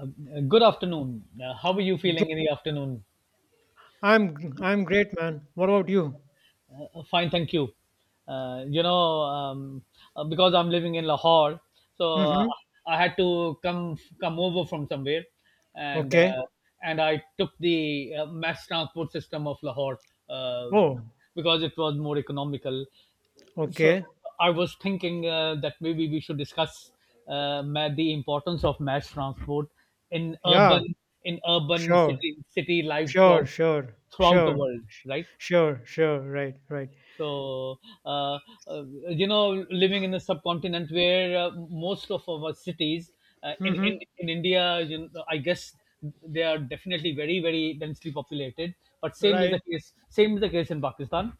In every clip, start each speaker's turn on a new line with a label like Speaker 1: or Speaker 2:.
Speaker 1: Good afternoon. How are you
Speaker 2: Good.
Speaker 1: feeling in the afternoon?
Speaker 2: I'm I'm great, man. What about you?
Speaker 1: Fine, thank you. Uh, you know, um, because I'm living in Lahore, so
Speaker 2: Mm-hmm.
Speaker 1: I had to come over from somewhere, and
Speaker 2: Okay.
Speaker 1: uh, and I took the mass transport system of Lahore, uh,
Speaker 2: Oh,
Speaker 1: because it was more economical. So
Speaker 2: okay.
Speaker 1: I was thinking that maybe we should discuss the importance of mass transport in
Speaker 2: Yeah.
Speaker 1: urban,
Speaker 2: Sure.
Speaker 1: city life
Speaker 2: Sure. Sure.
Speaker 1: throughout the
Speaker 2: Sure.
Speaker 1: world, right?
Speaker 2: Sure. Sure. Right. Right.
Speaker 1: So uh, uh, living in a subcontinent where, most of our cities, in, in
Speaker 2: Mm-hmm.
Speaker 1: in India, I guess they are definitely very very densely populated. But same is
Speaker 2: Right.
Speaker 1: the case. Same is the case in Pakistan,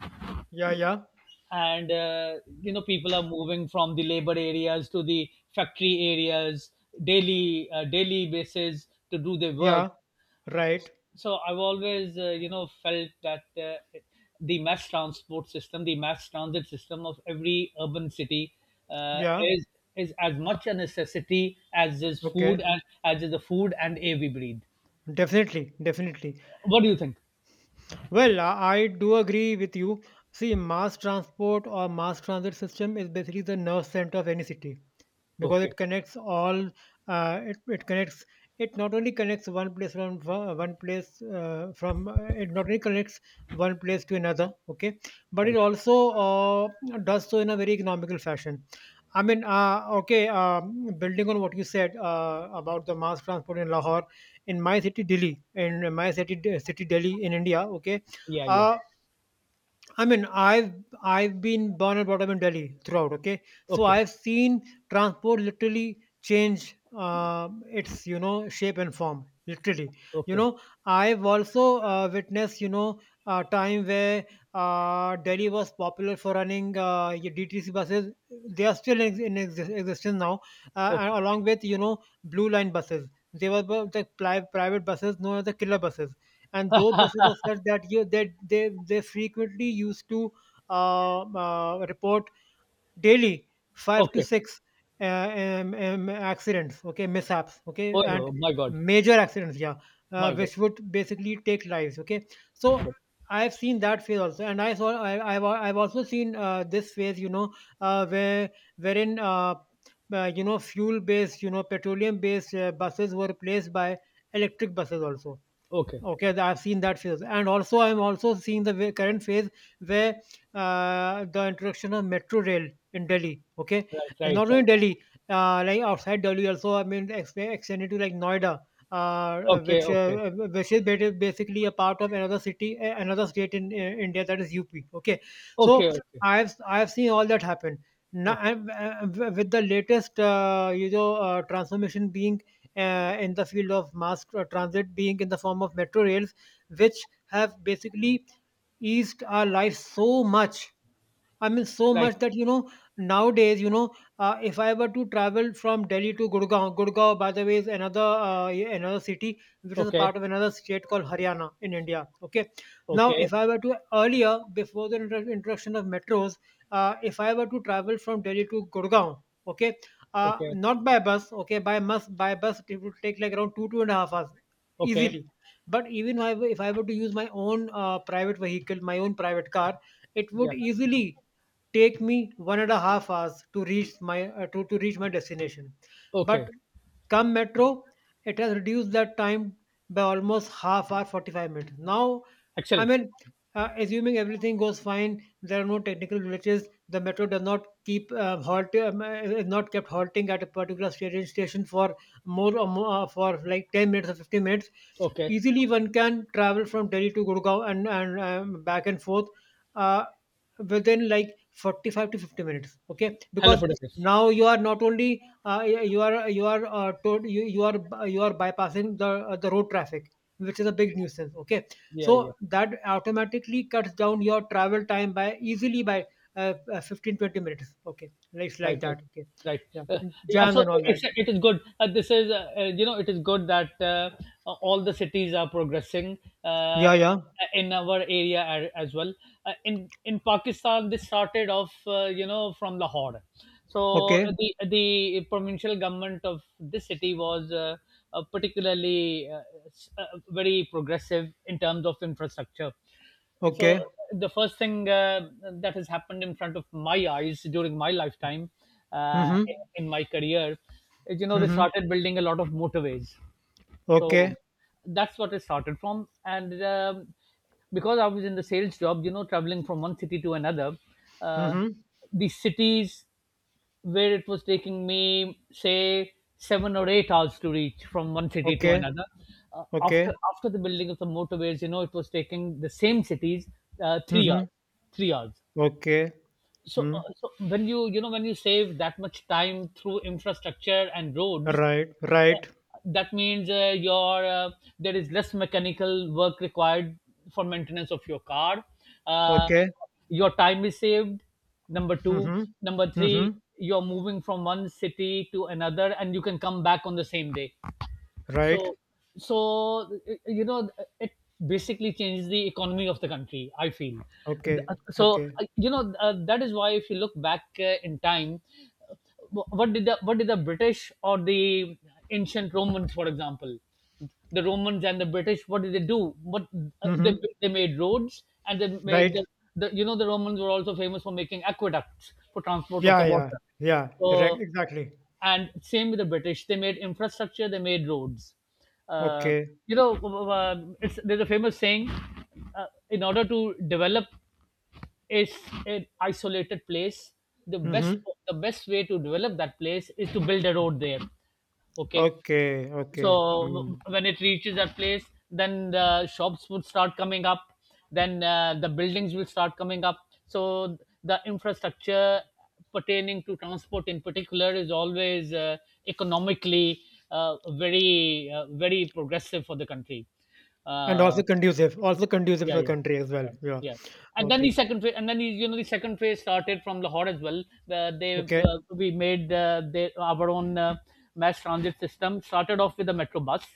Speaker 2: Yeah. Yeah.
Speaker 1: and people are moving from the labor areas to the factory areas daily basis to do their work.
Speaker 2: Yeah. Right.
Speaker 1: So I've always, felt that, the mass transport system, the mass transit system of every urban city, uh,
Speaker 2: Yeah.
Speaker 1: is is as much a necessity as is food
Speaker 2: Okay.
Speaker 1: and as is the food and air we breathe.
Speaker 2: Definitely. Definitely.
Speaker 1: What do you think?
Speaker 2: Well, I do agree with you. See, mass transport or mass transit system is basically the nerve center of any city, because it
Speaker 1: Okay.
Speaker 2: connects all. uh, it, it connects it not only connects one place from fro- one place from it not only connects one place to another, okay, but it
Speaker 1: Right.
Speaker 2: also uh, does so in a very economical fashion. Building on what you said about the mass transport in Lahore, in my city Delhi, in my city city Delhi in India. Okay,
Speaker 1: Yeah, yeah.
Speaker 2: uh, I mean, I've been born and brought up in Delhi throughout. Okay, so
Speaker 1: Okay,
Speaker 2: I've seen transport literally change, its, you know, shape and form. Literally, you
Speaker 1: okay,
Speaker 2: know, I've also witnessed, you know, a time where, Delhi was popular for running your DTC buses. They are still in existence now, and
Speaker 1: okay,
Speaker 2: along with, you know, blue line buses. They were the private buses known as the killer buses, and those buses were such that you that they frequently used to report daily five to
Speaker 1: okay.
Speaker 2: six accidents, okay, mishaps, okay,
Speaker 1: Oh,
Speaker 2: and
Speaker 1: oh my god.
Speaker 2: major accidents, yeah. Uh,
Speaker 1: My god.
Speaker 2: which would basically take lives, okay. So I've seen that phase also. And I saw I, I've also seen this phase, you know, where, wherein you know, fuel based you know, petroleum based buses were replaced by electric buses also.
Speaker 1: Okay.
Speaker 2: Okay, I've seen that phase, and also I'm also seeing the current phase where, the introduction of metro rail in Delhi. Okay,
Speaker 1: Right,
Speaker 2: and
Speaker 1: right,
Speaker 2: not only
Speaker 1: right.
Speaker 2: Delhi, like outside Delhi also. I mean, extended to like Noida,
Speaker 1: Okay, okay.
Speaker 2: which is basically a part of another city, another state in India, that is UP. Okay, so
Speaker 1: Okay, okay.
Speaker 2: I've seen all that happen. Now,
Speaker 1: Okay.
Speaker 2: and, with the latest, you know, transformation being in the field of mass transit being in the form of metro rails which have basically eased our lives so much. I mean, so
Speaker 1: Right.
Speaker 2: much that, you know, nowadays, you know, if I were to travel from Delhi to Gurgaon. Gurgaon, by the way, is another, yeah, another city which is a
Speaker 1: Okay.
Speaker 2: part of another state called Haryana in India. Okay, now
Speaker 1: Okay.
Speaker 2: if I were to, earlier before the introduction of metros, if I were to travel from Delhi to Gurgaon, okay,
Speaker 1: Okay.
Speaker 2: not by bus, okay, by bus it would take like around two and a half hours
Speaker 1: Okay.
Speaker 2: easily. But even if I were, if I were to use my own private vehicle, my own private car, it would
Speaker 1: Yeah.
Speaker 2: easily take me one and a half hours to reach my to reach my destination, but
Speaker 1: Okay.
Speaker 2: come metro, it has reduced that time by almost half hour, 45 minutes. Now, I
Speaker 1: Excellent.
Speaker 2: mean, assuming everything goes fine, there are no technical glitches. The metro does not keep is not kept halting at a particular station for more, for like 10 minutes or 15 minutes.
Speaker 1: Okay.
Speaker 2: Easily, one can travel from Delhi to Gurgaon and and back and forth. Uh, Within like 45 to 50 minutes, okay,
Speaker 1: Hello
Speaker 2: because
Speaker 1: photographers.
Speaker 2: now you are not only, you are, you are, told you are, you are bypassing the the road traffic, which is a big nuisance, okay.
Speaker 1: Yeah, yeah.
Speaker 2: So that automatically cuts down your travel time by, easily by, 15 20 minutes, okay. It's
Speaker 1: Right,
Speaker 2: like
Speaker 1: right,
Speaker 2: that, okay.
Speaker 1: right.
Speaker 2: Yeah.
Speaker 1: uh, yeah,
Speaker 2: Jams
Speaker 1: so
Speaker 2: and all that.
Speaker 1: it is good. This is you know It is good that, all the cities are progressing, uh,
Speaker 2: Yeah, yeah.
Speaker 1: in our area as well, in Pakistan. This started off, from Lahore. So
Speaker 2: Okay,
Speaker 1: the the provincial government of this city was, particularly, very progressive in terms of infrastructure. So
Speaker 2: okay.
Speaker 1: the first thing, that has happened in front of my eyes during my lifetime, uh,
Speaker 2: Mm-hmm.
Speaker 1: in my career, is, they
Speaker 2: Mm-hmm.
Speaker 1: started building a lot of motorways.
Speaker 2: Okay.
Speaker 1: So that's what it started from. And because I was in the sales job, traveling from one city to another, uh,
Speaker 2: Mm-hmm.
Speaker 1: the cities where it was taking me, say, 7 or 8 hours to reach from one city to
Speaker 2: Okay,
Speaker 1: another. After
Speaker 2: okay.
Speaker 1: after the building of the motorways, you know, it was taking the same cities, three
Speaker 2: Mm-hmm.
Speaker 1: hours, 3 hours.
Speaker 2: Okay.
Speaker 1: so
Speaker 2: Mm.
Speaker 1: uh, so when you save that much time through infrastructure and roads,
Speaker 2: Right,
Speaker 1: uh,
Speaker 2: right.
Speaker 1: that means, your there is less mechanical work required for maintenance of your car, uh,
Speaker 2: Okay.
Speaker 1: your time is saved. Number 2.
Speaker 2: Mm-hmm.
Speaker 1: Number 3,
Speaker 2: Mm-hmm.
Speaker 1: you're moving from one city to another and you can come back on the same day.
Speaker 2: Right.
Speaker 1: So so uh, you know it basically changes the economy of the country, I feel.
Speaker 2: Okay,
Speaker 1: Uh, so
Speaker 2: okay.
Speaker 1: uh, you know that is why if you look back, in time, uh, what did the British or the ancient Romans, for example, the Romans and the British, what did they do? What uh, they,
Speaker 2: Mm-hmm.
Speaker 1: they made roads, and they made,
Speaker 2: Right.
Speaker 1: the you know the Romans were also famous for making aqueducts for transport of
Speaker 2: Yeah,
Speaker 1: the
Speaker 2: yeah,
Speaker 1: water.
Speaker 2: yeah.
Speaker 1: So,
Speaker 2: Right. Exactly.
Speaker 1: and same with the British, they made infrastructure, they made roads. uh,
Speaker 2: Okay.
Speaker 1: you know there's a famous saying, in order to develop is an isolated place, the best
Speaker 2: Mm-hmm.
Speaker 1: the best way to develop that place is to build a road there. Okay.
Speaker 2: Okay, okay.
Speaker 1: So
Speaker 2: Mm.
Speaker 1: when it reaches that place, then the shops would start coming up, then, the buildings will start coming up. So the infrastructure pertaining to transport in particular is always, economically, very progressive for the country.
Speaker 2: And
Speaker 1: Uh,
Speaker 2: also conducive
Speaker 1: yeah,
Speaker 2: for
Speaker 1: yeah.
Speaker 2: country as well. Yeah.
Speaker 1: Yeah,
Speaker 2: Okay,
Speaker 1: and then the the second phase started from Lahore as well, where they,
Speaker 2: okay,
Speaker 1: our own, mass transit system started off with a metro bus.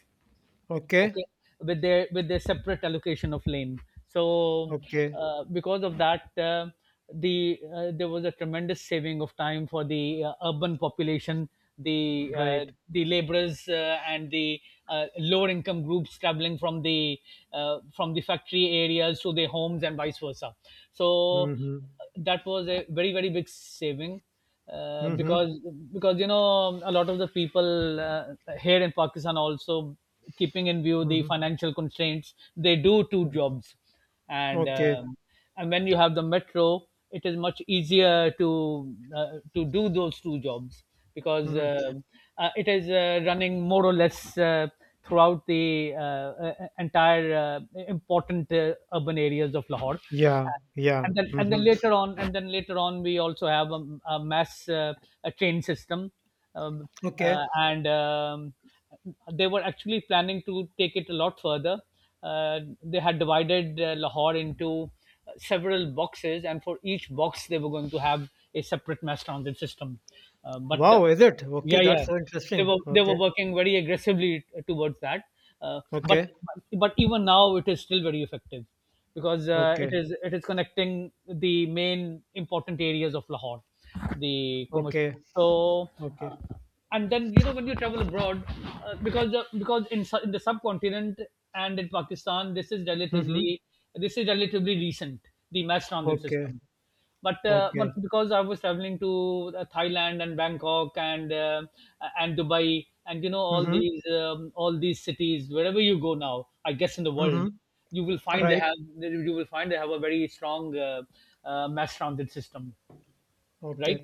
Speaker 2: okay,
Speaker 1: Okay, with their separate allocation of lane. So,
Speaker 2: okay.
Speaker 1: because of that, there was a tremendous saving of time for the, urban population, the,
Speaker 2: Right.
Speaker 1: laborers, and the, lower income groups traveling from the, factory areas to their homes and vice versa. So
Speaker 2: Mm-hmm.
Speaker 1: that was a very very big saving, uh,
Speaker 2: Mm-hmm.
Speaker 1: because because you know, a lot of the people, here in Pakistan also, keeping in view the
Speaker 2: Mm-hmm.
Speaker 1: financial constraints, they do two
Speaker 2: Mm-hmm.
Speaker 1: jobs. and
Speaker 2: Okay.
Speaker 1: um, and when you have the metro, it is much easier to, do those two jobs, because,
Speaker 2: Mm-hmm.
Speaker 1: it is, running more or less, throughout the, entire, important, urban areas of Lahore.
Speaker 2: Yeah, yeah.
Speaker 1: And then and
Speaker 2: Mm-hmm.
Speaker 1: then later on, we also have, a mass, a train system. Um,
Speaker 2: Okay.
Speaker 1: and They were actually planning to take it a lot further. They had divided, Lahore into several boxes, and for each box they were going to have a separate mass transit system. But
Speaker 2: Wow, is it? Okay,
Speaker 1: Yeah,
Speaker 2: that's
Speaker 1: yeah,
Speaker 2: so
Speaker 1: they
Speaker 2: interesting.
Speaker 1: were
Speaker 2: Okay,
Speaker 1: working very aggressively, towards that. But
Speaker 2: okay,
Speaker 1: but even now, it is still very effective, because, it
Speaker 2: okay,
Speaker 1: is it is connecting the main important areas of Lahore, the commercial.
Speaker 2: okay,
Speaker 1: so
Speaker 2: okay.
Speaker 1: uh, and then, when you travel abroad, because, because in in the subcontinent and in Pakistan, this is
Speaker 2: Mm-hmm.
Speaker 1: relatively, recent, the mass transit
Speaker 2: Okay,
Speaker 1: system. But, but
Speaker 2: okay.
Speaker 1: because I was traveling to, Thailand and Bangkok, and, Dubai, and, all
Speaker 2: Mhm.
Speaker 1: these, cities, wherever you go now, I guess, in the world,
Speaker 2: Mhm.
Speaker 1: you will find they
Speaker 2: Right.
Speaker 1: have, a very strong, mass transit system,
Speaker 2: Okay.
Speaker 1: right?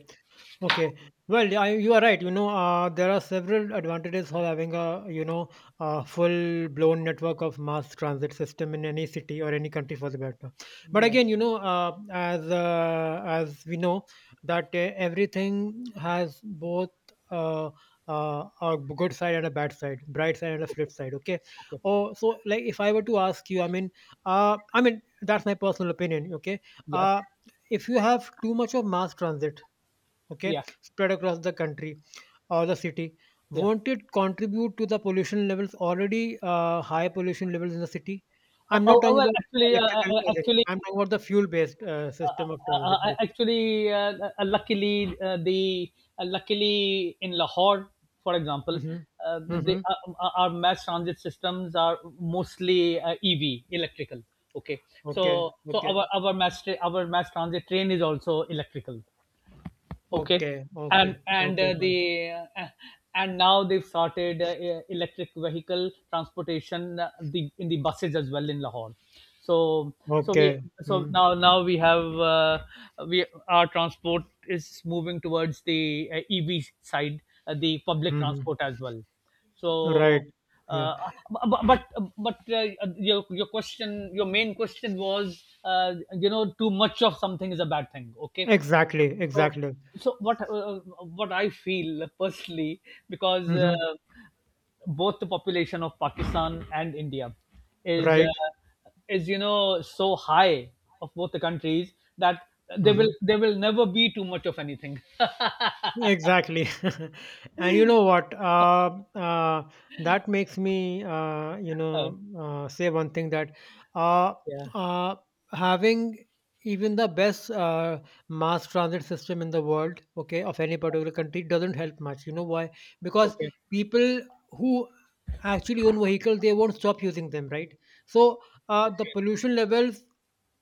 Speaker 2: Okay. Well, yeah, you are right. You know, there are several advantages of having a, you know, a full-blown network of mass transit system in any city or any country for the matter. But
Speaker 1: Yeah.
Speaker 2: again, you know, as we know that, everything has both, uh, a good side and a bad side, bright side and a flip side. Okay.
Speaker 1: Okay.
Speaker 2: Oh, so like if I were to ask you, I mean that's my personal opinion. Okay.
Speaker 1: Yeah,
Speaker 2: Uh, if you have too much of mass transit, okay,
Speaker 1: yeah,
Speaker 2: spread across the country or the city,
Speaker 1: yeah.
Speaker 2: won't it contribute to the pollution levels, already high pollution levels in the city?
Speaker 1: Oh,
Speaker 2: I'm not
Speaker 1: oh, oh,
Speaker 2: talking
Speaker 1: well,
Speaker 2: about
Speaker 1: actually,
Speaker 2: electrical.
Speaker 1: actually,
Speaker 2: I'm talking about the fuel-based system of transit.
Speaker 1: actually, luckily, the luckily in Lahore, for example,
Speaker 2: Basically. Hmm,
Speaker 1: the
Speaker 2: hmm.
Speaker 1: our mass transit systems are mostly, EV, electrical. Okay, so,
Speaker 2: Okay. Okay.
Speaker 1: our mass transit train is also electrical. Okay.
Speaker 2: Okay. Okay.
Speaker 1: and and
Speaker 2: Okay.
Speaker 1: uh,
Speaker 2: Fine.
Speaker 1: the uh, and now they've started, electric vehicle transportation, the in the buses as well in Lahore. so so we
Speaker 2: Okay.
Speaker 1: so
Speaker 2: Mm-hmm.
Speaker 1: now, we have, we our transport is moving towards the, ev side, the public
Speaker 2: Mm-hmm.
Speaker 1: transport as well. so
Speaker 2: Right. Yeah.
Speaker 1: uh, but but, but your question, your main question was you know, too much of something is a bad thing. Okay.
Speaker 2: Exactly.
Speaker 1: so,
Speaker 2: Exactly.
Speaker 1: so, what I feel personally, because,
Speaker 2: Hmm.
Speaker 1: both the population of Pakistan and India, is uh,
Speaker 2: Right.
Speaker 1: is, so high, of both the countries, that
Speaker 2: Mm-hmm.
Speaker 1: there will never be too much of anything.
Speaker 2: Exactly. And you know what? That makes me, you
Speaker 1: Uh,
Speaker 2: know, say one thing that, uh,
Speaker 1: yeah.
Speaker 2: uh, having even the best mass transit system in the world, okay, of any particular country doesn't help much. You know why? Because
Speaker 1: Okay.
Speaker 2: people who actually own vehicles, they won't stop using them, right? So the
Speaker 1: Okay.
Speaker 2: pollution levels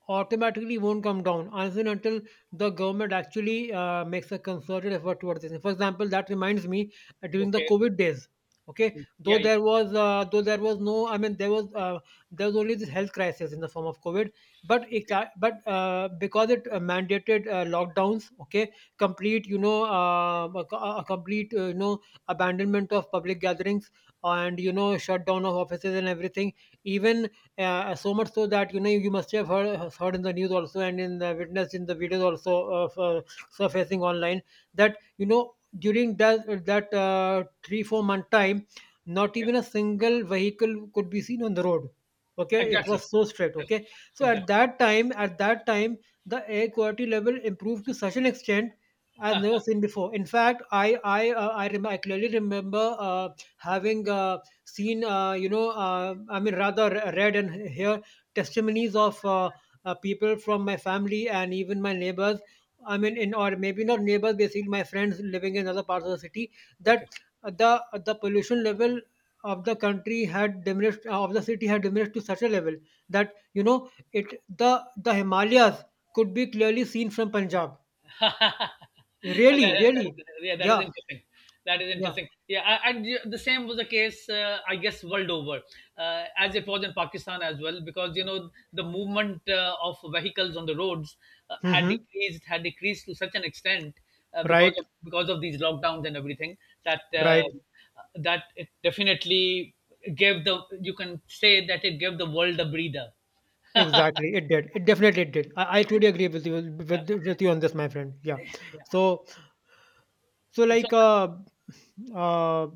Speaker 2: automatically won't come down unless and until the government actually makes a concerted effort towards this. For example, that reminds me, during the
Speaker 1: Okay.
Speaker 2: COVID days. Okay,
Speaker 1: Yeah.
Speaker 2: though
Speaker 1: Yeah.
Speaker 2: there was, though there was no, I mean there was, there was only this health crisis in the form of COVID,
Speaker 1: Okay.
Speaker 2: but because it mandated lockdowns, okay, complete, you know, a complete, you know, abandonment of public gatherings and, you know, shutdown of offices and everything, even, so much so that, you know, you must have heard, in the news also, and in the witness in the videos also of, surfacing online, that, you know, during that, 3 four month time not
Speaker 1: Yeah.
Speaker 2: even a single vehicle could be seen on the road, okay. It
Speaker 1: Exactly.
Speaker 2: was so strict,
Speaker 1: Exactly.
Speaker 2: okay. So at
Speaker 1: Exactly.
Speaker 2: that time, the air quality level improved to such an extent as never seen before. In fact, I clearly remember, having, seen, you know, I mean, rather read and hear testimonies of, people from my family and even my neighbors. I mean, in, or maybe not neighbors, basically my friends living in other parts of the city,
Speaker 1: Okay.
Speaker 2: that the pollution level of the country had diminished, of the city had diminished to such a level that, you know, it, the Himalayas could be clearly seen from Punjab.
Speaker 1: that,
Speaker 2: Really,
Speaker 1: that-
Speaker 2: really,
Speaker 1: yeah, that is
Speaker 2: yeah,
Speaker 1: interesting. That is
Speaker 2: yeah.
Speaker 1: interesting. Yeah, the same was the case, I guess, world over, as it was in Pakistan as well, because, the movement, of vehicles on the roads,
Speaker 2: Hmm.
Speaker 1: had decreased to such an extent, because
Speaker 2: Right,
Speaker 1: of because of these lockdowns and everything, that uh,
Speaker 2: right.
Speaker 1: that it definitely gave, the you can say that it gave the world a breather.
Speaker 2: Exactly, it did. It definitely did. I truly agree with you, with you on this, my friend. Yeah. So, so
Speaker 1: So.
Speaker 2: like, uh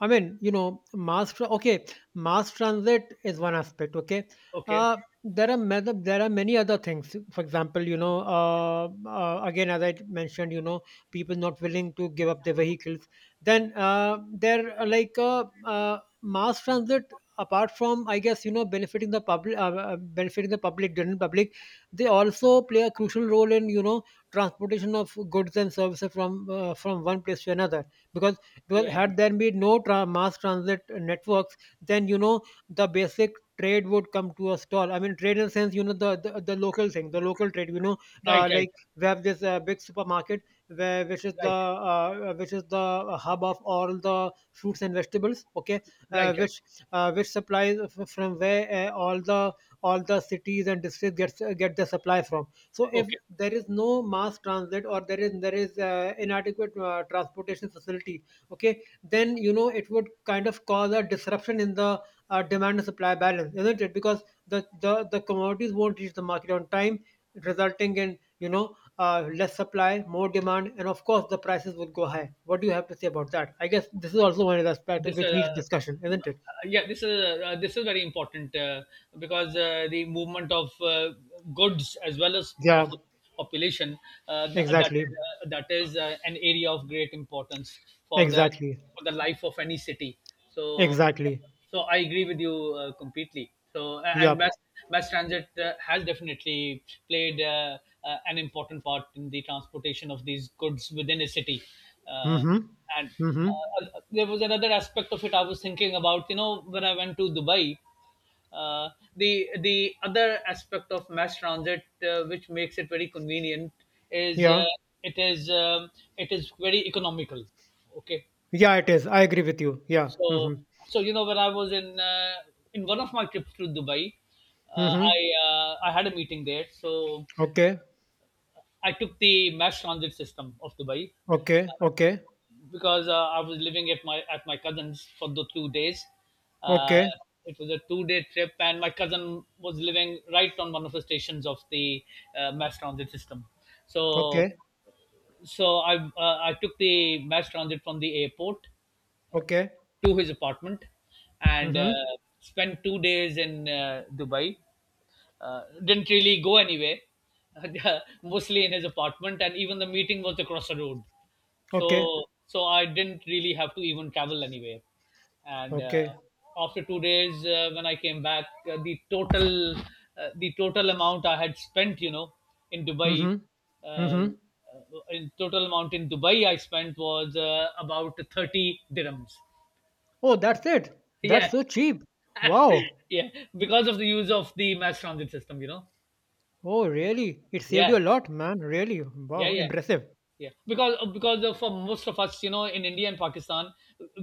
Speaker 2: I mean, you know, okay, mass transit is one aspect, okay.
Speaker 1: Okay,
Speaker 2: uh there are many, other things, for example, you know, again, as I mentioned, you know, people not willing to give up their vehicles. Then there are like, mass transit, apart from, I guess, you know, benefiting the public, benefiting the public general public. They also play a crucial role in, you know, transportation of goods and services from, from one place to another. Because
Speaker 1: yeah,
Speaker 2: had
Speaker 1: yeah.
Speaker 2: there been no mass transit networks, then, you know, the basic trade would come to a stall. I mean, trade in the sense, you know, the the local thing, the local trade, you know,
Speaker 1: Right, right,
Speaker 2: like, we have this big supermarket where, which is the,
Speaker 1: right,
Speaker 2: which is the hub of all the fruits and vegetables, okay, uh,
Speaker 1: right, right.
Speaker 2: which which supplies, from where, all the cities and districts gets, get the supply from. So if
Speaker 1: Okay,
Speaker 2: there is no mass transit, or there is inadequate transportation facility, okay, then, you know, it would kind of cause a disruption in the demand and supply balance, isn't it? Because the, the commodities won't reach the market on time, resulting in, you know, less supply, more demand, and of course the prices will go high. What do you have to say about that? I guess this is also one of the aspect
Speaker 1: this
Speaker 2: which needs discussion, isn't it?
Speaker 1: yeah, this is very important, because, the movement of, goods, as well as of
Speaker 2: Yeah,
Speaker 1: the population,
Speaker 2: exactly.
Speaker 1: that is, an area of great importance for the
Speaker 2: Exactly.
Speaker 1: life of any city. so
Speaker 2: Exactly.
Speaker 1: so I agree with you, completely. So a-
Speaker 2: Yeah.
Speaker 1: and mass transit, has definitely played, an important part in the transportation of these goods within a city. Uh,
Speaker 2: Mm-hmm.
Speaker 1: and
Speaker 2: Mm-hmm.
Speaker 1: There was another aspect of it I was thinking about. You know, when I went to Dubai, uh, the other aspect of mass transit, which makes it very convenient, is,
Speaker 2: Yeah.
Speaker 1: it is um, it is very economical. Okay.
Speaker 2: Yeah, it is. I agree with you. Yeah.
Speaker 1: so,
Speaker 2: Mm-hmm.
Speaker 1: so, when I was in, one of my trips to Dubai, uh,
Speaker 2: Mm-hmm.
Speaker 1: I I had a meeting there. So
Speaker 2: Okay.
Speaker 1: I took the mass transit system of Dubai,
Speaker 2: Okay. Okay.
Speaker 1: because, I was living at my cousin's for the 2 days. Uh,
Speaker 2: Okay.
Speaker 1: it was a 2 day trip, and my cousin was living right on one of the stations of the, mass transit system. So
Speaker 2: Okay.
Speaker 1: so I took the mass transit from the airport
Speaker 2: Okay.
Speaker 1: to his apartment, and,
Speaker 2: Mm-hmm.
Speaker 1: spent 2 days in, Dubai. Didn't really go anywhere, mostly in his apartment, and even the meeting was across the road.
Speaker 2: Okay.
Speaker 1: So I didn't really have to even travel anywhere. And
Speaker 2: Okay.
Speaker 1: After 2 days, when I came back, uh, the total amount I had spent, in Dubai,
Speaker 2: Mm-hmm.
Speaker 1: um,
Speaker 2: Mm-hmm.
Speaker 1: in total amount in Dubai I spent was about 30 dirhams.
Speaker 2: Oh, that's it. That's
Speaker 1: Yeah,
Speaker 2: so cheap. Wow.
Speaker 1: yeah, because of the use of the mass transit system, you know.
Speaker 2: Oh, really? It saved
Speaker 1: Yeah,
Speaker 2: you a lot, man. Really.
Speaker 1: yeah,
Speaker 2: Wow.
Speaker 1: yeah,
Speaker 2: Impressive.
Speaker 1: yeah, because of for most of us, you know, in India and Pakistan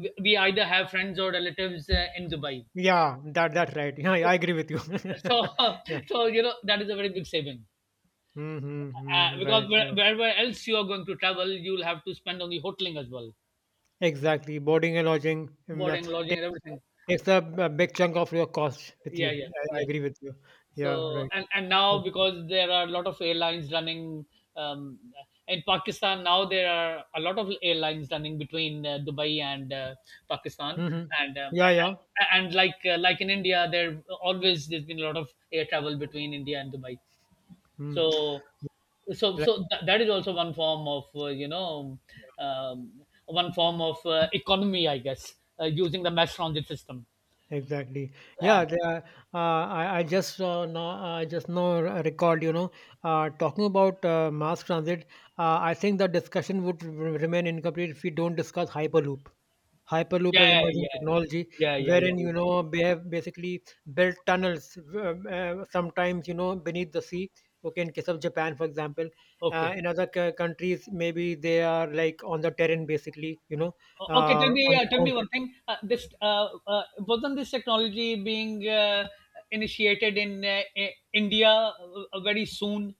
Speaker 1: we either have friends or relatives in Dubai.
Speaker 2: Yeah, that's right. Yeah,
Speaker 1: so
Speaker 2: I agree with you.
Speaker 1: so
Speaker 2: yeah.
Speaker 1: so you know that is a very big saving,
Speaker 2: Mm-hmm. mm-hmm. Right,
Speaker 1: because
Speaker 2: right.
Speaker 1: wherever else you are going to travel, you'll have to spend on the hoteling as well,
Speaker 2: Exactly. Boarding and lodging
Speaker 1: boarding,
Speaker 2: ta-
Speaker 1: lodging and everything.
Speaker 2: takes a big chunk of your cost with
Speaker 1: Yeah,
Speaker 2: you.
Speaker 1: yeah,
Speaker 2: I
Speaker 1: yeah.
Speaker 2: agree with you.
Speaker 1: So
Speaker 2: Yeah, right.
Speaker 1: and now because there are a lot of airlines running, um, in Pakistan now there are a lot of airlines running between Dubai and Pakistan.
Speaker 2: Mm-hmm.
Speaker 1: and um,
Speaker 2: Yeah, yeah.
Speaker 1: and, and like in India there always there's been a lot of air travel between India and Dubai. So
Speaker 2: Mm.
Speaker 1: so
Speaker 2: Right.
Speaker 1: so th- that is also one form of um, one form of economy, I guess, using the mass transit system.
Speaker 2: Exactly.
Speaker 1: Yeah,
Speaker 2: Yeah, I just now, I just now recalled, talking about mass transit, I think the discussion would remain incomplete if we don't discuss Hyperloop. Hyperloop
Speaker 1: yeah,
Speaker 2: as emerging
Speaker 1: yeah,
Speaker 2: technology,
Speaker 1: yeah, yeah, yeah.
Speaker 2: wherein you know they have basically built tunnels, sometimes you know beneath the sea. Okay, in case of Japan, for example,
Speaker 1: Okay.
Speaker 2: in other countries maybe they are like on the terrain, basically, you know,
Speaker 1: Okay,
Speaker 2: on the
Speaker 1: tell me
Speaker 2: concrete.
Speaker 1: one thing. This wasn't this technology being initiated in India very soon?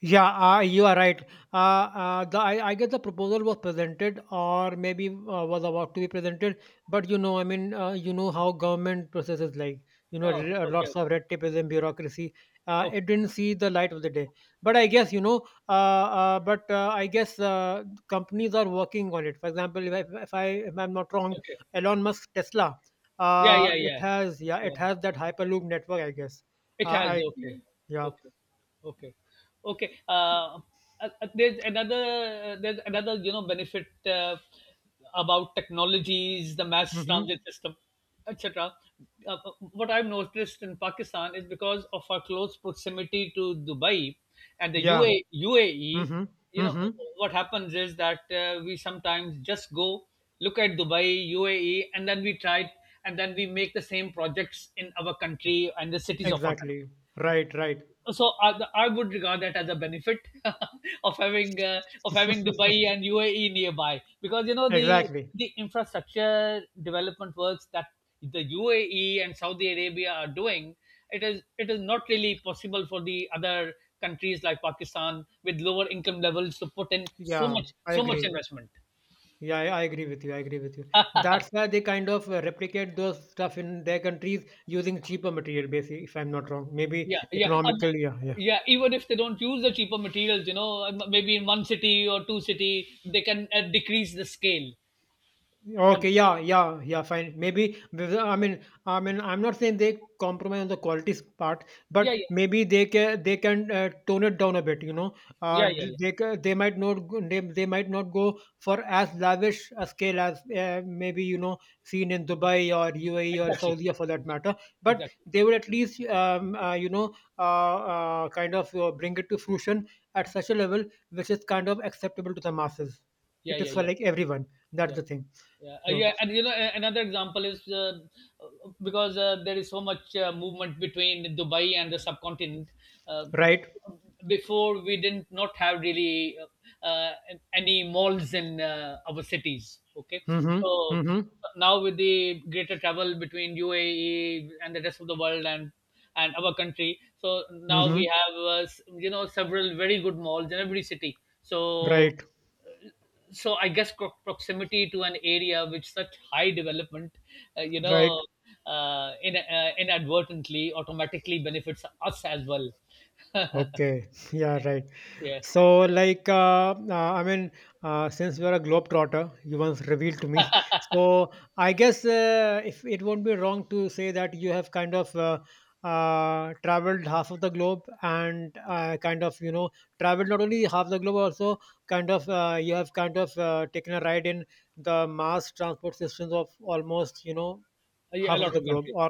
Speaker 2: Yeah, you are right. I guess the proposal was presented, or maybe was about to be presented. But you know, I mean, you know how government processes like you know
Speaker 1: Oh, okay,
Speaker 2: lots of
Speaker 1: okay,
Speaker 2: red tape and bureaucracy.
Speaker 1: okay,
Speaker 2: It didn't see the light of the day. But I guess you know. Uh, but I guess companies are working on it. For example, if I'm not wrong,
Speaker 1: okay.
Speaker 2: Elon Musk Tesla.
Speaker 1: Yeah, yeah,
Speaker 2: It
Speaker 1: yeah,
Speaker 2: has yeah, it
Speaker 1: yeah.
Speaker 2: has that Hyperloop network. I guess. Uh,
Speaker 1: It has,
Speaker 2: I
Speaker 1: okay,
Speaker 2: yeah.
Speaker 1: okay, okay, okay. Uh, there's another there's another you know benefit about technologies, the mass
Speaker 2: hmm
Speaker 1: transit system, etc. What I've noticed in Pakistan is because of our close proximity to Dubai and the
Speaker 2: Yeah.
Speaker 1: UAE,
Speaker 2: Mm-hmm.
Speaker 1: you know,
Speaker 2: Mm-hmm.
Speaker 1: what happens is that we sometimes just go look at Dubai, UAE, and then we try it, and then we make the same projects in our country and the cities of our
Speaker 2: Exactly.
Speaker 1: country.
Speaker 2: Right, right.
Speaker 1: So I would regard that as a benefit of having Dubai and UAE nearby, because you know the
Speaker 2: Exactly.
Speaker 1: infrastructure development works that the UAE and Saudi Arabia are doing, it is not really possible for the other countries like Pakistan with lower income levels to put in
Speaker 2: Yeah, I
Speaker 1: so much
Speaker 2: agree.
Speaker 1: investment.
Speaker 2: Yeah, I agree with you. I agree with you. That's why they kind of replicate those stuff in their countries using cheaper material, basically, if I'm not wrong. Maybe
Speaker 1: Yeah, yeah,
Speaker 2: economical. Yeah, yeah.
Speaker 1: yeah, even if they don't use the cheaper materials, you know, maybe in one city or two city they can decrease the scale on.
Speaker 2: Okay, yeah, yeah, yeah, fine. Maybe this- I mean, I'm not saying they compromise on the qualities part,
Speaker 1: Yeah,
Speaker 2: but
Speaker 1: yeah,
Speaker 2: maybe they can tone it down a bit. You know,
Speaker 1: yeah, yeah, yeah,
Speaker 2: d-
Speaker 1: yeah.
Speaker 2: they ca- they might not go- they might not go for as lavish a scale as maybe you know seen in Dubai or UAE or
Speaker 1: Exactly,
Speaker 2: Saudi for that matter. But
Speaker 1: exactly.
Speaker 2: they will at least you know uh, kind of bring it to fruition at such a level which is kind of acceptable to the masses.
Speaker 1: Yeah,
Speaker 2: It is
Speaker 1: yeah,
Speaker 2: for
Speaker 1: yeah,
Speaker 2: like everyone. That's
Speaker 1: yeah,
Speaker 2: the thing.
Speaker 1: yeah.
Speaker 2: So
Speaker 1: Yeah, and you know another example is, because there is so much movement between Dubai and the subcontinent, uh,
Speaker 2: right.
Speaker 1: before we didn't not have really uh, uh, any malls in our cities, okay.
Speaker 2: Mm-hmm.
Speaker 1: So
Speaker 2: Mm-hmm.
Speaker 1: now with the greater travel between UAE and the rest of the world and our country, so now
Speaker 2: Mm-hmm.
Speaker 1: we have you know several very good malls in every city. So
Speaker 2: Right.
Speaker 1: I guess proximity to an area with such high development, uh, you
Speaker 2: Right.
Speaker 1: know inadvertently automatically benefits us as well.
Speaker 2: Okay. Yeah. Right.
Speaker 1: Yeah,
Speaker 2: So like, I mean, since you are a globetrotter, you once revealed to me. So I guess if it won't be wrong to say that you have kind of. Traveled half of the globe and kind of you know traveled not only half the globe also kind of you have kind of taken a ride in the mass transport systems of almost you know
Speaker 1: yeah, a
Speaker 2: half of
Speaker 1: lot
Speaker 2: the
Speaker 1: of
Speaker 2: globe
Speaker 1: countries.
Speaker 2: or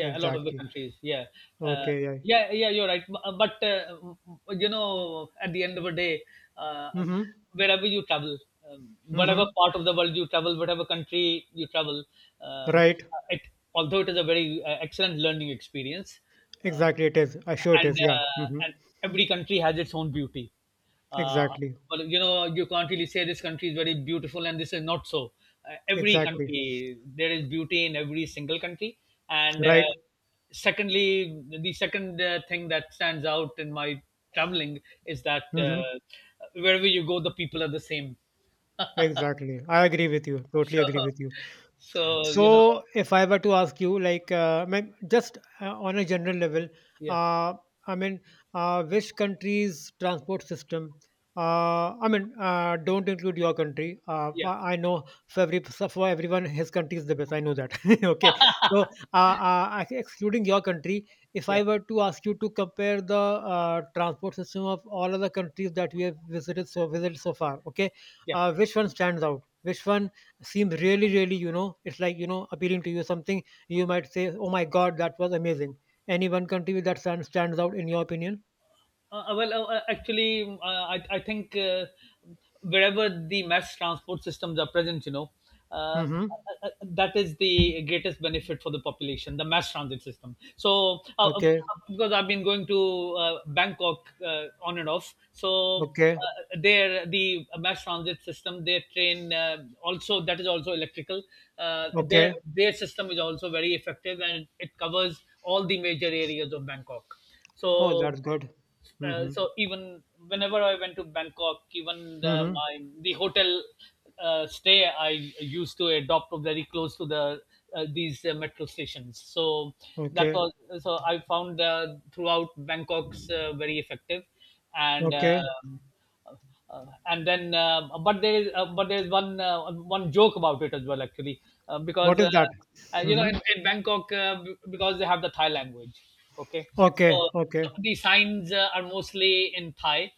Speaker 1: Yeah, a lot of the
Speaker 2: exactly
Speaker 1: countries, yeah. uh,
Speaker 2: okay yeah
Speaker 1: yeah, yeah, you're right. But you know at the end of the day, uh,
Speaker 2: mm-hmm
Speaker 1: wherever you travel, whatever
Speaker 2: mm-hmm
Speaker 1: part of the world you travel, whatever country you travel, um,
Speaker 2: right
Speaker 1: it although it is a very excellent learning experience, uh,
Speaker 2: exactly it is I sure it is yeah mm-hmm
Speaker 1: and every country has its own beauty. Uh,
Speaker 2: exactly
Speaker 1: but you know, you can't really say this country is very beautiful and this is not so. Every
Speaker 2: exactly
Speaker 1: country, there is beauty in every single country. And
Speaker 2: right
Speaker 1: Secondly, the second thing that stands out in my traveling is that,
Speaker 2: mm-hmm
Speaker 1: wherever you go, the people are the same.
Speaker 2: exactly I agree with you totally agree
Speaker 1: So,
Speaker 2: with you
Speaker 1: so you know,
Speaker 2: So, if I were to ask you, like, ma'am, just on a general level,
Speaker 1: yeah,
Speaker 2: uh, I mean, which country's transport system, I mean, don't include your country.
Speaker 1: yeah,
Speaker 2: I know for every so for everyone, his country is the best. I know that. okay, so excluding your country, if I
Speaker 1: yeah,
Speaker 2: were to ask you to compare the transport system of all other countries that we have visited so far, okay,
Speaker 1: yeah.
Speaker 2: which one stands out? Which one? Seems really really you know it's like you know appealing to you something you might say oh my god that was amazing any one country that stands out in your opinion
Speaker 1: Actually, I think wherever the mass transport systems are present, you know, uh, uh,
Speaker 2: mm-hmm
Speaker 1: that is the greatest benefit for the population, the mass transit system. So,
Speaker 2: okay
Speaker 1: because I've been going to Bangkok on and off, so
Speaker 2: okay
Speaker 1: there the mass transit system, their train, also that is also electrical.
Speaker 2: okay
Speaker 1: Their system is also very effective and it covers all the major areas of Bangkok.
Speaker 2: oh
Speaker 1: So
Speaker 2: that's good mm-hmm
Speaker 1: even whenever I went to Bangkok, even
Speaker 2: mm-hmm
Speaker 1: the hotel stay I used to adopt very close to the these metro stations. So that
Speaker 2: okay
Speaker 1: was so I found throughout Bangkok's very effective, and
Speaker 2: okay
Speaker 1: um, uh, and then but there is one one joke about it as well actually,
Speaker 2: what
Speaker 1: because
Speaker 2: is that
Speaker 1: you know
Speaker 2: mm-hmm
Speaker 1: in Bangkok, because they have the Thai language, okay.
Speaker 2: okay
Speaker 1: So
Speaker 2: okay
Speaker 1: some of the signs are mostly in Thai,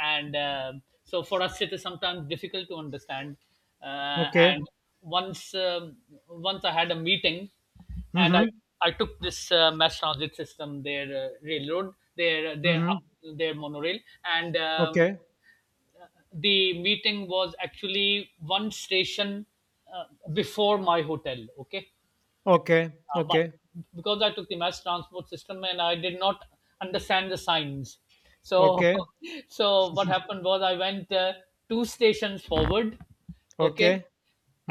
Speaker 1: and so for us it is sometimes difficult to understand.
Speaker 2: okay
Speaker 1: And once once I had a meeting, and I
Speaker 2: mm-hmm
Speaker 1: I took this mass transit system, their railroad, their their
Speaker 2: mm-hmm
Speaker 1: up, their monorail, and
Speaker 2: okay
Speaker 1: the meeting was actually one station uh, before my hotel. Okay,
Speaker 2: okay
Speaker 1: but
Speaker 2: okay
Speaker 1: because I took the mass transport system and I did not understand the signs, so
Speaker 2: okay
Speaker 1: so what happened was I went two stations forward, okay,
Speaker 2: okay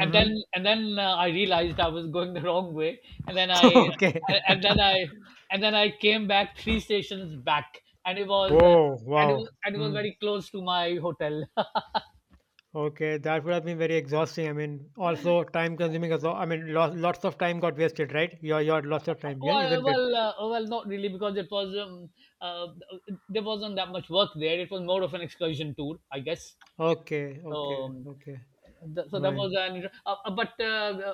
Speaker 1: and then I realized I was going the wrong way, and then I
Speaker 2: okay
Speaker 1: and then I and then I came back three stations back, and it was
Speaker 2: oh
Speaker 1: and
Speaker 2: wow
Speaker 1: it was and it was
Speaker 2: mm.
Speaker 1: very close to my hotel.
Speaker 2: Okay, that would have been very exhausting. I mean, also time consuming as well. I mean, lots of time got wasted, right? Your lots of time, yeah, isn't it?
Speaker 1: Well, not really, because it was uh, there wasn't that much work there. It was more of an excursion tour, I guess.
Speaker 2: Okay,
Speaker 1: So,
Speaker 2: okay, okay.
Speaker 1: so that
Speaker 2: Fine.
Speaker 1: was an. Uh,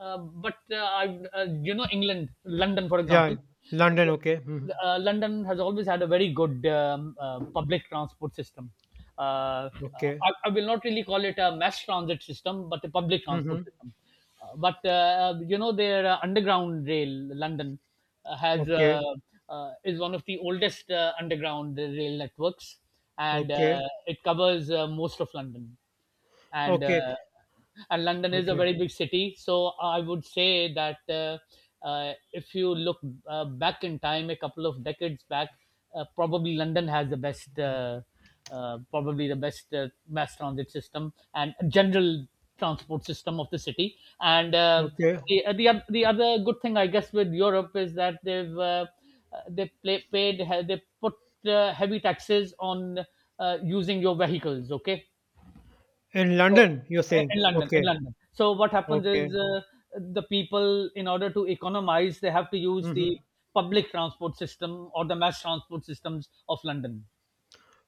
Speaker 1: but I, You know, England, London, for
Speaker 2: Yeah,
Speaker 1: example,
Speaker 2: London. Okay. hmm
Speaker 1: London has always had a very good public transport system. Uh, uh,
Speaker 2: Okay.
Speaker 1: I will not really call it a mass transit system, but a public transport
Speaker 2: hmm
Speaker 1: system. But You know their underground rail London has
Speaker 2: Okay.
Speaker 1: is one of the oldest underground rail networks, and
Speaker 2: Okay.
Speaker 1: it covers most of London, and uh,
Speaker 2: Okay.
Speaker 1: and London is a
Speaker 2: Okay.
Speaker 1: very big city. So I would say that if you look back in time, a couple of decades back, uh, probably London has the best, uh, probably the best mass transit system and general transport system of the city. And
Speaker 2: Okay.
Speaker 1: the The the other good thing, I guess, with Europe is that they've they play, paid they put heavy taxes on using your vehicles. Okay,
Speaker 2: In
Speaker 1: so
Speaker 2: London, you're saying.
Speaker 1: in London,
Speaker 2: Okay.
Speaker 1: in London. So what happens is,
Speaker 2: Okay.
Speaker 1: the people, in order to economize, they have to use
Speaker 2: hmm
Speaker 1: the public transport system or the mass transport systems of London.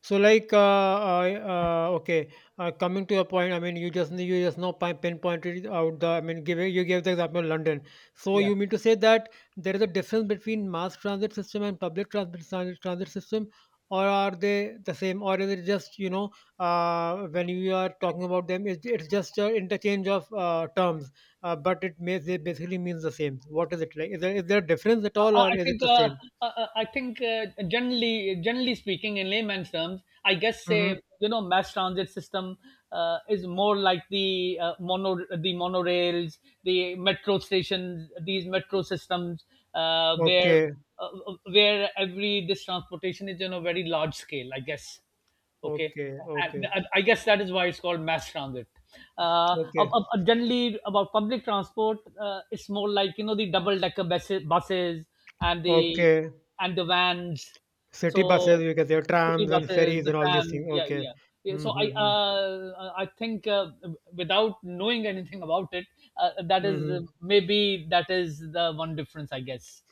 Speaker 2: So like, okay, coming to a point. I mean, you just now pinpointed out the. I mean, give you gave the example of London. So
Speaker 1: Yeah.
Speaker 2: you mean to say that there is a difference between mass transit system and public transit system, or are they the same, or is it just you know when you are talking about them, it's just an interchange of terms, but it may they basically means the same. What is it like? Is there a difference at all,
Speaker 1: I
Speaker 2: or
Speaker 1: I
Speaker 2: is
Speaker 1: think
Speaker 2: it the
Speaker 1: uh,
Speaker 2: same?
Speaker 1: I I think generally, generally speaking, in layman's terms, I guess, say
Speaker 2: Mm-hmm.
Speaker 1: you know mass transit system is more like the mono the monorails, the metro stations, these metro systems, uh, where
Speaker 2: Okay.
Speaker 1: where every this transportation is on a very large scale, I guess, okay.
Speaker 2: Okay.
Speaker 1: and
Speaker 2: Okay.
Speaker 1: and i guess that is why it's called mass transit. uh,
Speaker 2: Okay.
Speaker 1: Generally about public transport, it's more like you know the double decker buses, buses and the
Speaker 2: Okay.
Speaker 1: vans.
Speaker 2: City buses,
Speaker 1: So
Speaker 2: you can say,
Speaker 1: city
Speaker 2: trams and
Speaker 1: buses,
Speaker 2: ferries
Speaker 1: the
Speaker 2: and all these
Speaker 1: tram,
Speaker 2: things.
Speaker 1: yeah,
Speaker 2: Okay.
Speaker 1: yeah, yeah. So
Speaker 2: Mm-hmm.
Speaker 1: I
Speaker 2: Mm-hmm.
Speaker 1: I think without knowing anything about it, that is
Speaker 2: Mm-hmm.
Speaker 1: maybe that is the one difference, I guess.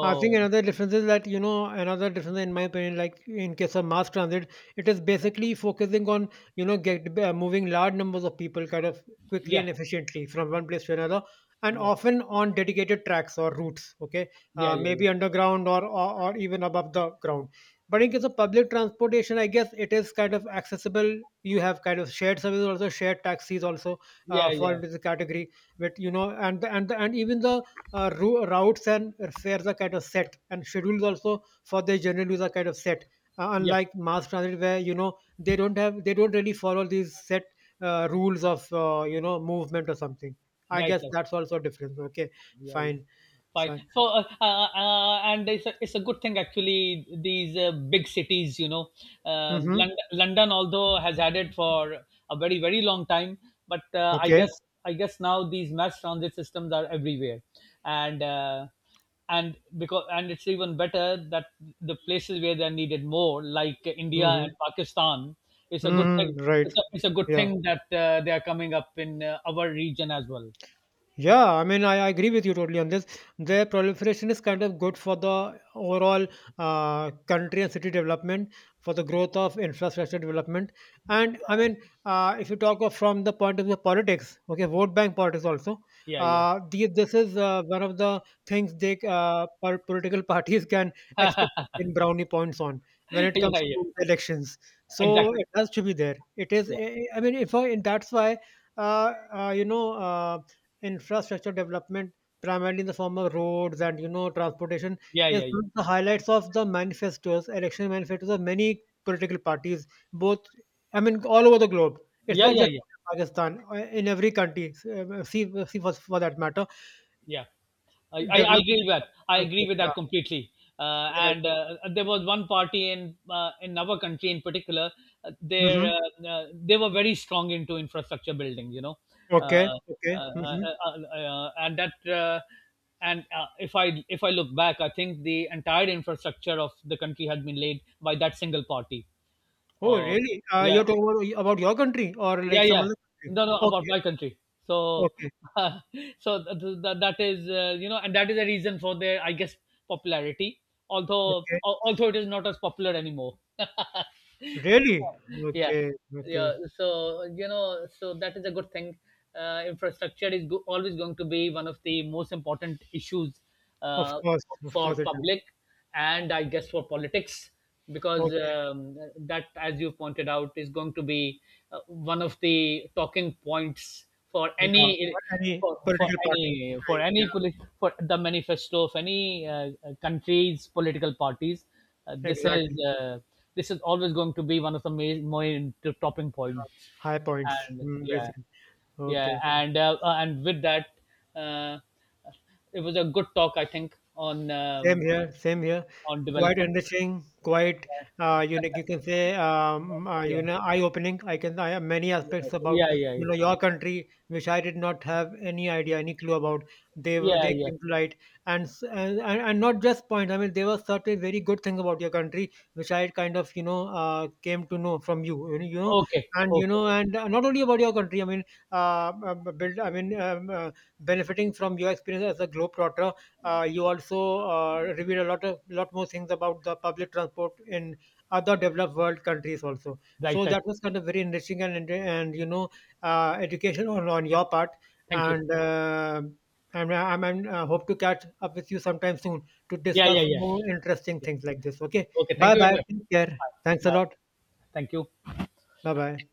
Speaker 2: I think another difference is that, you know, another difference in my opinion, like in case of mass transit, it is basically focusing on, you know, get moving large numbers of people kind of quickly
Speaker 1: yeah,
Speaker 2: and efficiently from one place to another, and
Speaker 1: yeah,
Speaker 2: often on dedicated tracks or routes. Okay,
Speaker 1: yeah, yeah,
Speaker 2: maybe underground or, or even above the ground. But in case of public transportation, I guess it is kind of accessible. You have kind of shared services, also shared taxis, also
Speaker 1: yeah,
Speaker 2: fall
Speaker 1: yeah,
Speaker 2: into the category. But you know, and even the routes and fares are kind of set, and schedules also for their general use are kind of set.
Speaker 1: yeah, yep,
Speaker 2: Unlike mass transit, where you know they don't really follow these set rules of you know movement or something. I
Speaker 1: right,
Speaker 2: guess
Speaker 1: right.
Speaker 2: that's also a difference. Okay,
Speaker 1: Yeah, yeah.
Speaker 2: fine.
Speaker 1: Fine.
Speaker 2: So,
Speaker 1: So, and it's it's a good thing, actually. These big cities, you know,
Speaker 2: mm-hmm.
Speaker 1: London, although has had it for a very very long time, but
Speaker 2: okay,
Speaker 1: I guess now these mass transit systems are everywhere, and uh, and it's even better that the places where they're needed more, like India
Speaker 2: mm-hmm.
Speaker 1: and Pakistan, it's a good thing.
Speaker 2: Mm-hmm. right,
Speaker 1: It's it's a good
Speaker 2: yeah.
Speaker 1: thing that they are coming up in our region as well.
Speaker 2: Yeah, I mean, I agree with you totally on this. Their proliferation is kind of good for the overall country and city development, for the growth of infrastructure development. And I mean, if you talk of from the point of view of politics, okay, vote bank politics also,
Speaker 1: Yeah, yeah,
Speaker 2: the, this is one of the things they political parties can expect in brownie points on when it
Speaker 1: yeah,
Speaker 2: comes
Speaker 1: yeah.
Speaker 2: to elections. So
Speaker 1: Exactly.
Speaker 2: it has to be there. It is,
Speaker 1: Yeah.
Speaker 2: I mean, if I, and that's why. You know, infrastructure development primarily in the form of roads and you know transportation
Speaker 1: Yeah.
Speaker 2: is
Speaker 1: Yeah.
Speaker 2: one of the highlights of the manifestos election manifestos of many political parties both I mean all over the globe it's
Speaker 1: Yeah.
Speaker 2: not
Speaker 1: Yeah. Yeah.
Speaker 2: just
Speaker 1: Yeah.
Speaker 2: pakistan in every country see for that matter
Speaker 1: Yeah. I I agree with that.
Speaker 2: development of
Speaker 1: I agree with that
Speaker 2: transport,
Speaker 1: completely.
Speaker 2: yeah, yeah,
Speaker 1: And
Speaker 2: yeah.
Speaker 1: There was one party in our country in particular.
Speaker 2: hmm
Speaker 1: They were very strong into infrastructure building. You know, uh,
Speaker 2: okay okay
Speaker 1: uh, uh,
Speaker 2: hmm
Speaker 1: uh, and that and if I look back, I think the entire infrastructure of the country had been laid by that single party.
Speaker 2: oh
Speaker 1: Uh,
Speaker 2: really
Speaker 1: yeah,
Speaker 2: you're talking about your country or
Speaker 1: yeah,
Speaker 2: like some
Speaker 1: yeah,
Speaker 2: other country
Speaker 1: no, no, about
Speaker 2: okay
Speaker 1: my country. So
Speaker 2: okay
Speaker 1: so that is, you know, and that is the reason for their, I guess, popularity,
Speaker 2: okay
Speaker 1: although it is not as popular anymore.
Speaker 2: really
Speaker 1: Yeah,
Speaker 2: okay okay
Speaker 1: yeah. So you know so that is a good thing. Infrastructure is always going to be one of the most important issues, uh,
Speaker 2: of
Speaker 1: for
Speaker 2: course it
Speaker 1: public, and I guess for politics, because
Speaker 2: Okay,
Speaker 1: that, as you pointed out, is going to be one of the talking points for
Speaker 2: yeah,
Speaker 1: any,
Speaker 2: for any political party,
Speaker 1: for
Speaker 2: right,
Speaker 1: any
Speaker 2: yeah,
Speaker 1: for the manifesto of any country's political parties. This is
Speaker 2: exactly.
Speaker 1: this is always going to be one of the main, main topping points,
Speaker 2: High points,
Speaker 1: and
Speaker 2: mm,
Speaker 1: yeah,
Speaker 2: basically.
Speaker 1: yeah,
Speaker 2: Okay.
Speaker 1: and with that. Uh, it was a good talk, I think,
Speaker 2: Same here, same here.
Speaker 1: on
Speaker 2: Quite
Speaker 1: development.
Speaker 2: enriching, quite unique. You can say you
Speaker 1: Yeah,
Speaker 2: know eye-opening. I have many aspects about
Speaker 1: yeah, yeah,
Speaker 2: you
Speaker 1: yeah,
Speaker 2: know your country which I did not have any idea, any clue about.
Speaker 1: yeah,
Speaker 2: They
Speaker 1: yeah.
Speaker 2: came to light, and s- and not just point. I mean, there were certain very good things about your country which I kind of you know came to know from you.
Speaker 1: Okay,
Speaker 2: You
Speaker 1: okay,
Speaker 2: know, and not only about your country. I mean, uh, uh, build. I mean, um, uh, benefiting from your experience as a globetrotter you also reveal a lot of lot more things about the public transport in other developed world countries also.
Speaker 1: right,
Speaker 2: So
Speaker 1: right.
Speaker 2: that was kind of very enriching and you know education on your part.
Speaker 1: Thank you.
Speaker 2: And I'm hope to catch up with you sometime soon to
Speaker 1: Yeah, yeah,
Speaker 2: discuss
Speaker 1: yeah,
Speaker 2: more interesting
Speaker 1: yeah.
Speaker 2: things like this. Okay,
Speaker 1: Okay, thank
Speaker 2: bye
Speaker 1: you very
Speaker 2: bye.
Speaker 1: much.
Speaker 2: Take care. Thanks a
Speaker 1: Bye.
Speaker 2: lot.
Speaker 1: Thank you.
Speaker 2: Bye bye.